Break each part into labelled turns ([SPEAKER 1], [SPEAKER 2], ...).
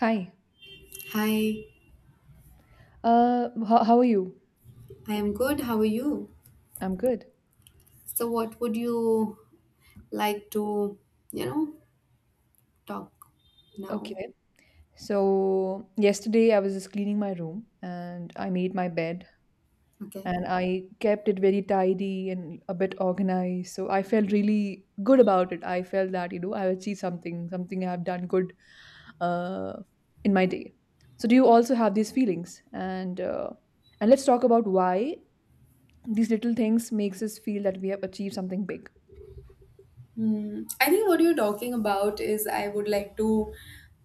[SPEAKER 1] Hi.
[SPEAKER 2] Hi,
[SPEAKER 1] How are you?
[SPEAKER 2] I am good. How are you?
[SPEAKER 1] I'm good.
[SPEAKER 2] So, what would you like to, you know, talk now?
[SPEAKER 1] Okay. So, yesterday I was just cleaning my room and I made my bed
[SPEAKER 2] Okay.
[SPEAKER 1] and I kept it very tidy and a bit organized. So, I felt really good about it. I felt that I achieved something, something I have done good uh, in my day. So, do you also have these feelings? And let's talk about why these little things makes us feel that we have achieved something big.
[SPEAKER 2] Hmm. I think what you're talking about is I would like to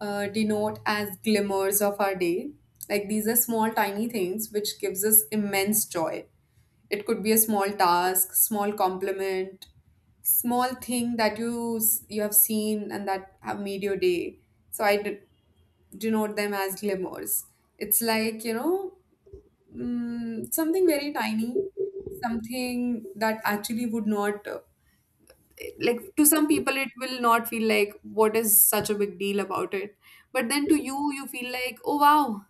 [SPEAKER 2] denote as glimmers of our day. Like these are small, tiny things which gives us immense joy. It could be a small task, small compliment, small thing that you have seen and that have made your day. So I denote them as glimmers. It's like something very tiny, something that actually would not, like, to some people it will not feel like what is such a big deal about it, but then to you feel like, oh wow,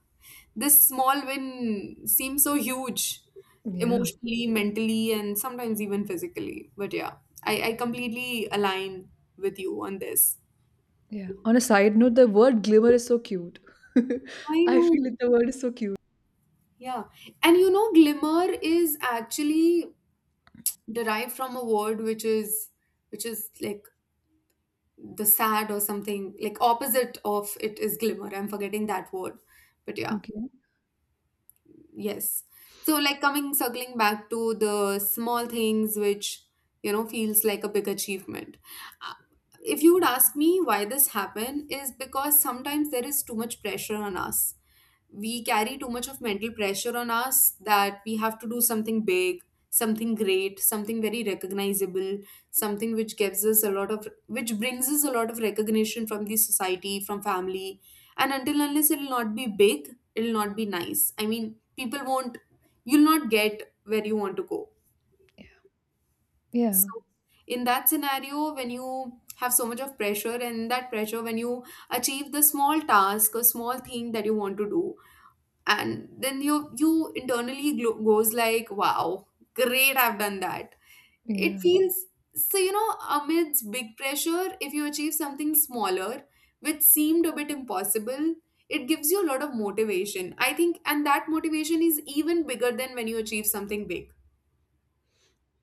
[SPEAKER 2] this small win seems so huge,
[SPEAKER 1] Yeah.
[SPEAKER 2] emotionally, mentally, and sometimes even physically. But yeah, I completely align with you on this.
[SPEAKER 1] Yeah. On a side note, the word glimmer is so cute.
[SPEAKER 2] I
[SPEAKER 1] I feel
[SPEAKER 2] know.
[SPEAKER 1] that the word is so cute.
[SPEAKER 2] Yeah. And you know, glimmer is actually derived from a word which is, like, the sad or something like opposite of it is glimmer. I'm forgetting that word, but yeah.
[SPEAKER 1] Okay.
[SPEAKER 2] Yes. So, like circling back to the small things which, you know, feels like a big achievement. Uh, If you would ask me why this happened, is because sometimes there is too much pressure on us. We carry too much of mental pressure on us that we have to do something big, something great, something very recognizable, something which gives us a lot of, which brings us a lot of recognition from the society, from family, and until unless it'll not be big, it'll not be nice. I mean, people won't, you'll not get where you want to go.
[SPEAKER 1] Yeah.
[SPEAKER 2] So in that scenario, when you have so much of pressure, and that pressure, when you achieve the small task or small thing that you want to do, and then you internally goes like, wow, great, I've done that. It
[SPEAKER 1] Yeah.
[SPEAKER 2] feels so, amidst big pressure, if you achieve something smaller which seemed a bit impossible, it gives you a lot of motivation, I think, and that motivation is even bigger than when you achieve something big.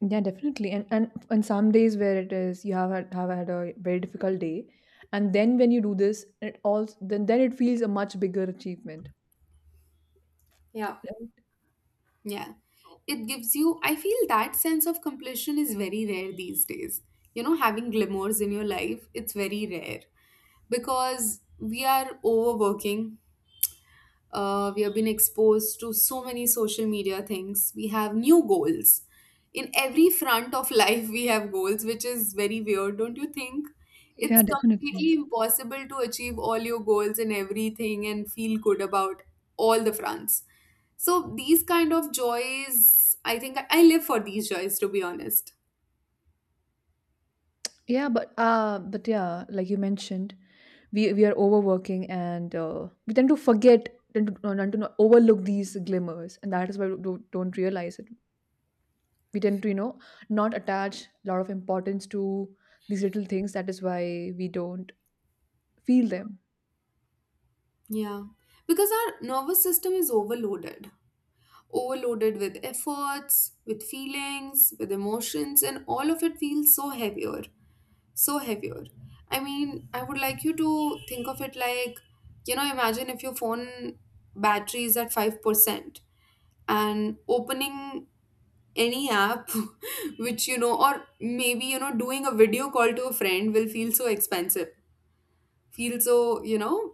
[SPEAKER 1] Yeah, definitely. And on some days where it is you have had a very difficult day, and then when you do this, it all then it feels a much bigger achievement.
[SPEAKER 2] Yeah,
[SPEAKER 1] Right?
[SPEAKER 2] yeah. It gives you, I feel that sense of completion is very rare these days. You know, having glamours in your life, it's very rare because we are overworking, we have been exposed to so many social media things, we have new goals in every front of life, we have goals, which is very weird, don't you think? It's
[SPEAKER 1] Yeah, definitely.
[SPEAKER 2] completely impossible to achieve all your goals and everything and feel good about all the fronts. So these kind of joys, I think, I live for these joys, to be honest.
[SPEAKER 1] Yeah, but yeah, like you mentioned, we are overworking and we tend to forget tend to, tend to overlook these glimmers, and that is why we don't realize it. We tend to not attach a lot of importance to these little things, that is why we don't feel them.
[SPEAKER 2] Yeah, because our nervous system is overloaded, overloaded with efforts, with feelings, with emotions, and all of it feels so heavier, so heavier. I mean, I would like you to think of it like, you know, imagine if your phone battery is at 5% and opening any app which you know, or maybe doing a video call to a friend will feel so expensive, feel so, you know,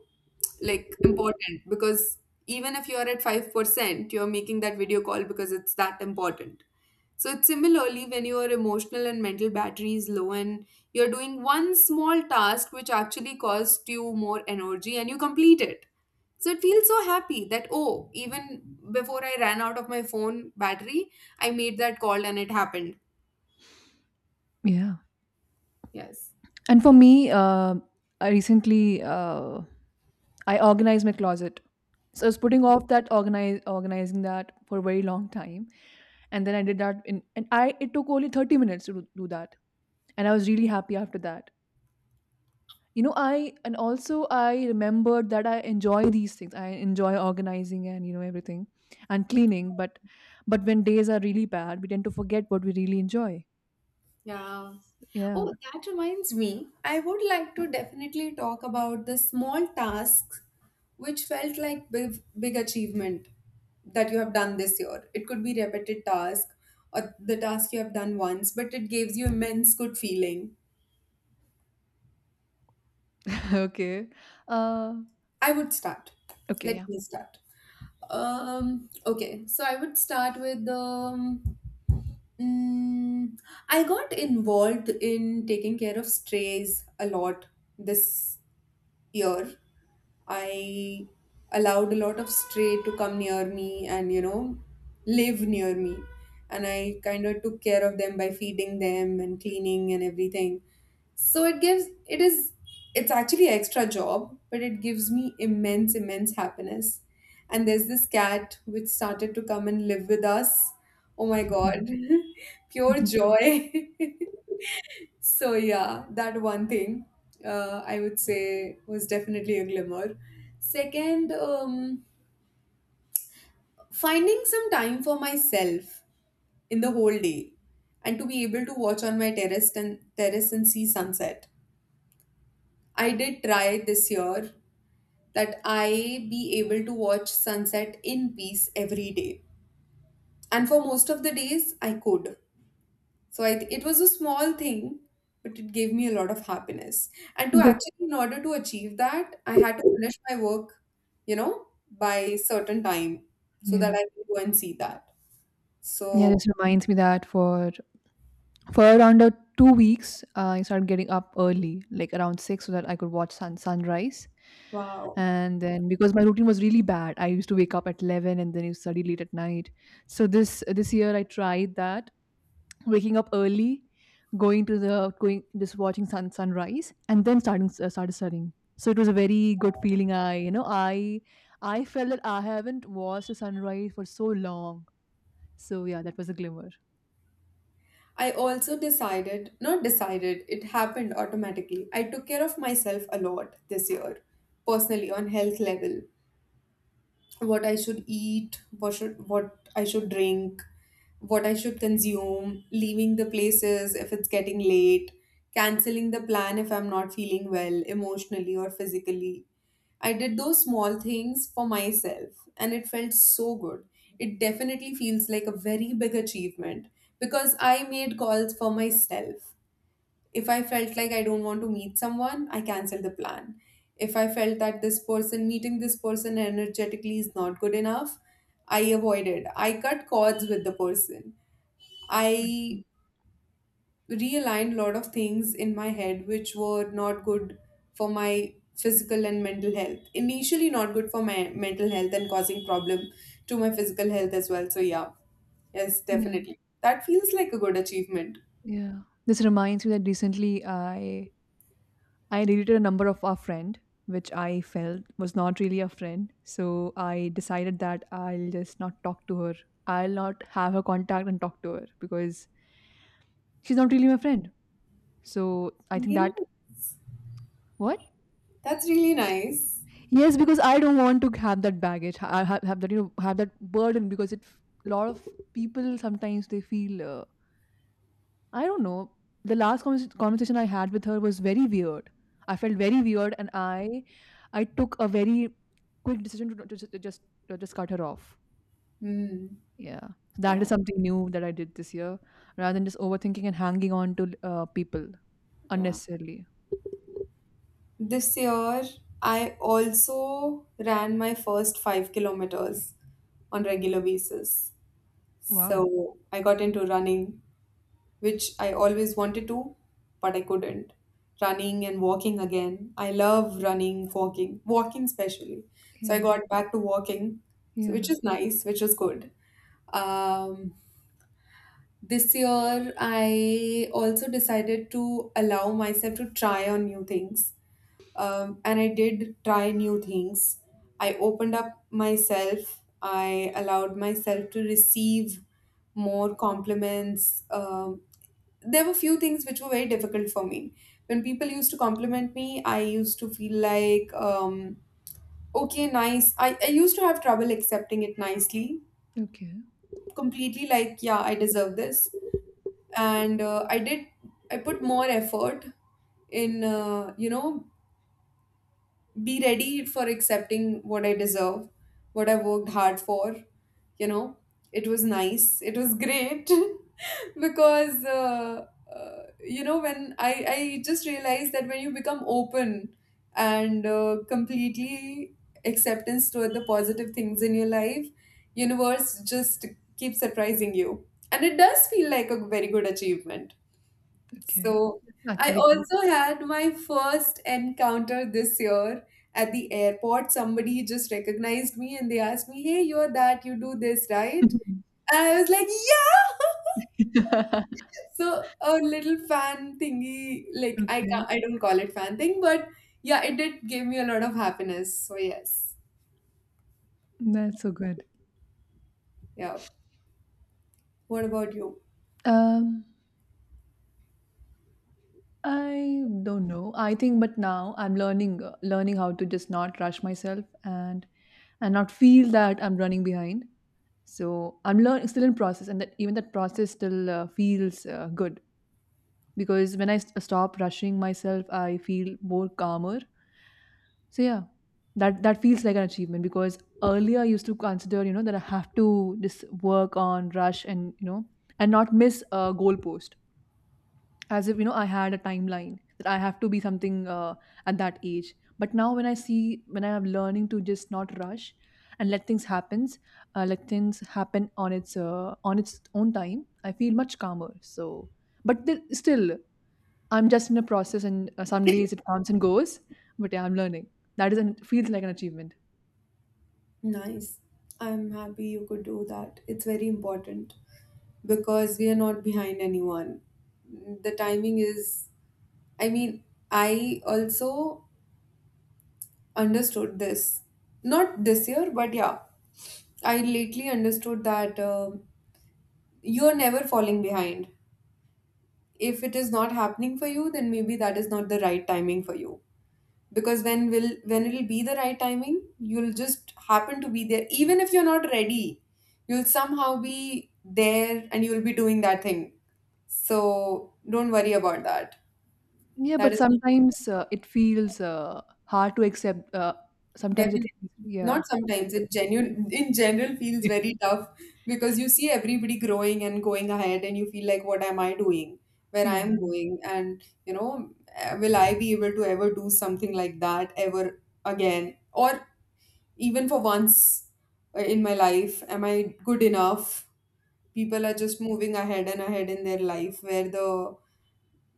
[SPEAKER 2] like important, because even if you are at 5%, you're making that video call because it's that important. So it's similarly when your emotional and mental battery is low and you're doing one small task which actually costs you more energy and you complete it. So it feels so happy that, oh, even before I ran out of my phone battery, I made that call and it happened.
[SPEAKER 1] Yeah.
[SPEAKER 2] Yes.
[SPEAKER 1] And for me, uh, I recently uh, I organized my closet. So I was putting off that organize organizing that for a very long time, and then I did that in, and I, it took only 30 minutes to do that, and I was really happy after that. You know, I and also I remembered that I enjoy these things. I enjoy organizing and everything and cleaning, but when days are really bad, we tend to forget what we really enjoy.
[SPEAKER 2] Yeah.
[SPEAKER 1] Yeah.
[SPEAKER 2] Oh, that reminds me. I would like to definitely talk about the small tasks which felt like big, big achievement that you have done this year. It could be repeated task or the task you have done once, but it gives you immense good feeling.
[SPEAKER 1] Okay. uh
[SPEAKER 2] I would start.
[SPEAKER 1] okay
[SPEAKER 2] Let
[SPEAKER 1] Yeah.
[SPEAKER 2] me start. Okay, so I would start with Mm, I got involved in taking care of strays a lot this year. I allowed a lot of stray to come near me and, you know, live near me. And I kind of took care of them by feeding them and cleaning and everything. So it's actually extra job, but it gives me immense, immense happiness. And there's this cat which started to come and live with us. Oh my God, pure joy. So yeah, that one thing, I would say, was definitely a glimmer. Second, finding some time for myself in the whole day and to be able to watch on my terrace and see sunset. I did try this year that I be able to watch sunset in peace every day. And for most of the days I could. So it was a small thing, but it gave me a lot of happiness. And to
[SPEAKER 1] This-
[SPEAKER 2] actually, in order to achieve that, I had to finish my work, you know, by certain time so that
[SPEAKER 1] yeah.
[SPEAKER 2] I can go and see that.
[SPEAKER 1] Yeah, this
[SPEAKER 2] So,
[SPEAKER 1] reminds me that for around 2 weeks, I started getting up early, like around 6, so that I could watch sunrise.
[SPEAKER 2] wow.
[SPEAKER 1] And then because my routine was really bad, I used to wake up at 11 and then you study late at night. So this year I tried that, waking up early, going to the going just watching sunrise, and then starting started studying. So it was a very good feeling. I felt that I haven't watched a sunrise for so long. So yeah, that was a glimmer.
[SPEAKER 2] I also decided, not decided, it happened automatically. I took care of myself a lot this year, personally, on health level. What I should eat, what I should drink, what I should consume, leaving the places if it's getting late, canceling the plan if I'm not feeling well emotionally or physically. I did those small things for myself and it felt so good. It definitely feels like a very big achievement because I made calls for myself. If I felt like I don't want to meet someone, I cancel the plan. If I felt that this person, meeting this person energetically is not good enough, I avoided. I cut cords with the person. I realigned a lot of things in my head which were not good for my physical and mental health. Initially, not good for my mental health and causing problem to my physical health as well. So, yeah, yes, definitely. That feels like a good achievement.
[SPEAKER 1] Yeah. This reminds me that recently I deleted a number of our friend, which I felt was not really a friend. So I decided that I'll just not talk to her. I'll not have her contact and talk to her because she's not really my friend. So I think
[SPEAKER 2] Really?
[SPEAKER 1] that. What?
[SPEAKER 2] That's really nice.
[SPEAKER 1] Yes, because I don't want to have that baggage. I have that burden, because it a lot of people sometimes they feel, I don't know. The last conversation I had with her was very weird. I felt very weird, and I took a very quick decision to just cut her off.
[SPEAKER 2] Hmm.
[SPEAKER 1] Yeah, that is
[SPEAKER 2] Yeah,
[SPEAKER 1] something new that I did this year, rather than just overthinking and hanging on to people
[SPEAKER 2] yeah.
[SPEAKER 1] unnecessarily.
[SPEAKER 2] This year, I also ran my first 5 kilometers on regular basis.
[SPEAKER 1] Wow.
[SPEAKER 2] So I got into running, which I always wanted to, but I couldn't. Running and walking again. I love running, walking, walking especially. So I
[SPEAKER 1] Yeah.
[SPEAKER 2] got back to walking, so
[SPEAKER 1] Yeah.
[SPEAKER 2] which is nice, which is good. Um, this year, I also decided to allow myself to try on new things, and I did try new things. I opened up myself. I allowed myself to receive more compliments. There were few things which were very difficult for me. When people used to compliment me, I used to feel like, okay, nice. I used to have trouble accepting it nicely,
[SPEAKER 1] Okay.
[SPEAKER 2] completely like, yeah, I deserve this. And I put more effort in, be ready for accepting what I deserve, what I worked hard for. You know, it was nice, it was great because, when I just realized that when you become open and completely acceptance toward the positive things in your life, universe just keeps surprising you. And it does feel like a very good achievement.
[SPEAKER 1] Okay.
[SPEAKER 2] So
[SPEAKER 1] That's
[SPEAKER 2] I
[SPEAKER 1] actually good.
[SPEAKER 2] also had my first encounter this year at the airport. Somebody just recognized me and they asked me, "Hey, you're that, you do this, right?" And I was like, "Yeah!" So a little fan thingy, like I
[SPEAKER 1] Okay.
[SPEAKER 2] can't, I don't call it fan thing, but yeah, it did give me a lot of happiness. So yes.
[SPEAKER 1] That's so good.
[SPEAKER 2] Yeah. What about you?
[SPEAKER 1] Um I don't know. I think, but now I'm learning how to just not rush myself and not feel that I'm running behind. So I'm learning, still in process, and that even that process still feels good, because when I stop rushing myself, I feel more calmer. So yeah, that feels like an achievement, because earlier I used to consider, that I have to just work on rush and you know and not miss a goalpost, as if I had a timeline that I have to be something at that age. But now when I see, when I am learning to just not rush, and let things happen on its own time, I feel much calmer. So, but still, I'm just in a process and some days it comes and goes, but yeah, I'm learning, that is an feels like an achievement.
[SPEAKER 2] Nice. I'm happy you could do that. It's very important because we are not behind anyone. The timing is, I mean, I also understood this. Not this year, but yeah. I lately understood that you're never falling behind. If it is not happening for you, then maybe that is not the right timing for you. Because when will, when it'll be the right timing, you'll just happen to be there. Even if you're not ready, you'll somehow be there and you'll be doing that thing. So don't worry about that.
[SPEAKER 1] Yeah,
[SPEAKER 2] That
[SPEAKER 1] but
[SPEAKER 2] is.
[SPEAKER 1] sometimes it feels hard to accept. Sometimes it
[SPEAKER 2] Definitely.
[SPEAKER 1] feels, yeah,
[SPEAKER 2] Not
[SPEAKER 1] hard to
[SPEAKER 2] sometimes.
[SPEAKER 1] accept.
[SPEAKER 2] It genuine in general feels very tough because you see everybody growing and going ahead and you feel like, what am I doing? Where I
[SPEAKER 1] Yeah.
[SPEAKER 2] am going, and will I be able to ever do something like that ever again, or even for once, in my life, am I good enough? People are just moving ahead and ahead in their life, where the,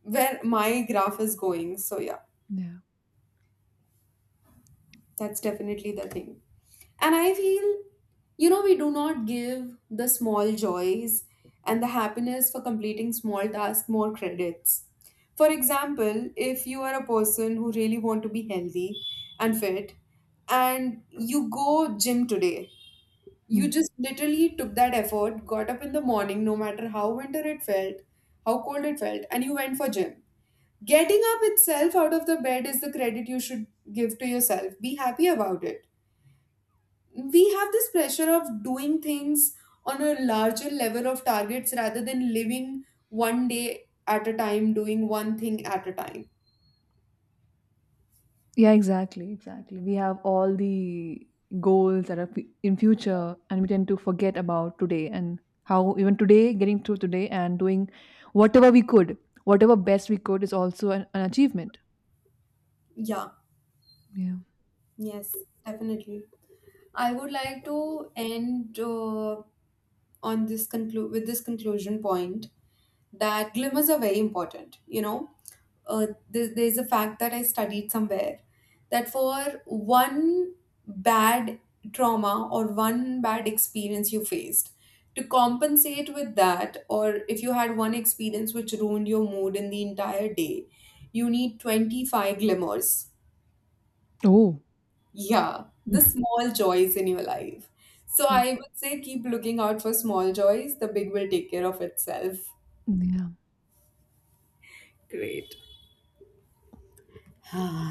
[SPEAKER 2] where my graph is going. So yeah, that's definitely the thing. And I feel, you know, we do not give the small joys and the happiness for completing small tasks more credits. For example, if you are a person who really want to be healthy and fit, and you go gym today,
[SPEAKER 1] Yeah.
[SPEAKER 2] you just literally took that effort, got up in the morning no matter how winter it felt, how cold it felt, and you went for gym. Getting up itself out of the bed is the credit you should give to yourself. Be happy about it. We have this pressure of doing things on a larger level of targets, rather than living one day at a time, doing one thing at a time.
[SPEAKER 1] Yeah, exactly, exactly. We have all the goals that are in future, and we tend to forget about today and how even today, getting through today and doing whatever we could, whatever best we could, is also an achievement.
[SPEAKER 2] Yeah,
[SPEAKER 1] Yeah.
[SPEAKER 2] yes, definitely. I would like to end, on this, conclude with this conclusion point that glimmers are very important, you know. There's a fact that I studied somewhere that for one bad trauma or one bad experience you faced, to compensate with that, or if you had one experience which ruined your mood in the entire day, you need 25 glimmers.
[SPEAKER 1] Oh.
[SPEAKER 2] Yeah, the small joys in your life. So
[SPEAKER 1] Like,
[SPEAKER 2] I would say keep looking out for small joys, the big will take care of itself.
[SPEAKER 1] mm, yeah.
[SPEAKER 2] Great.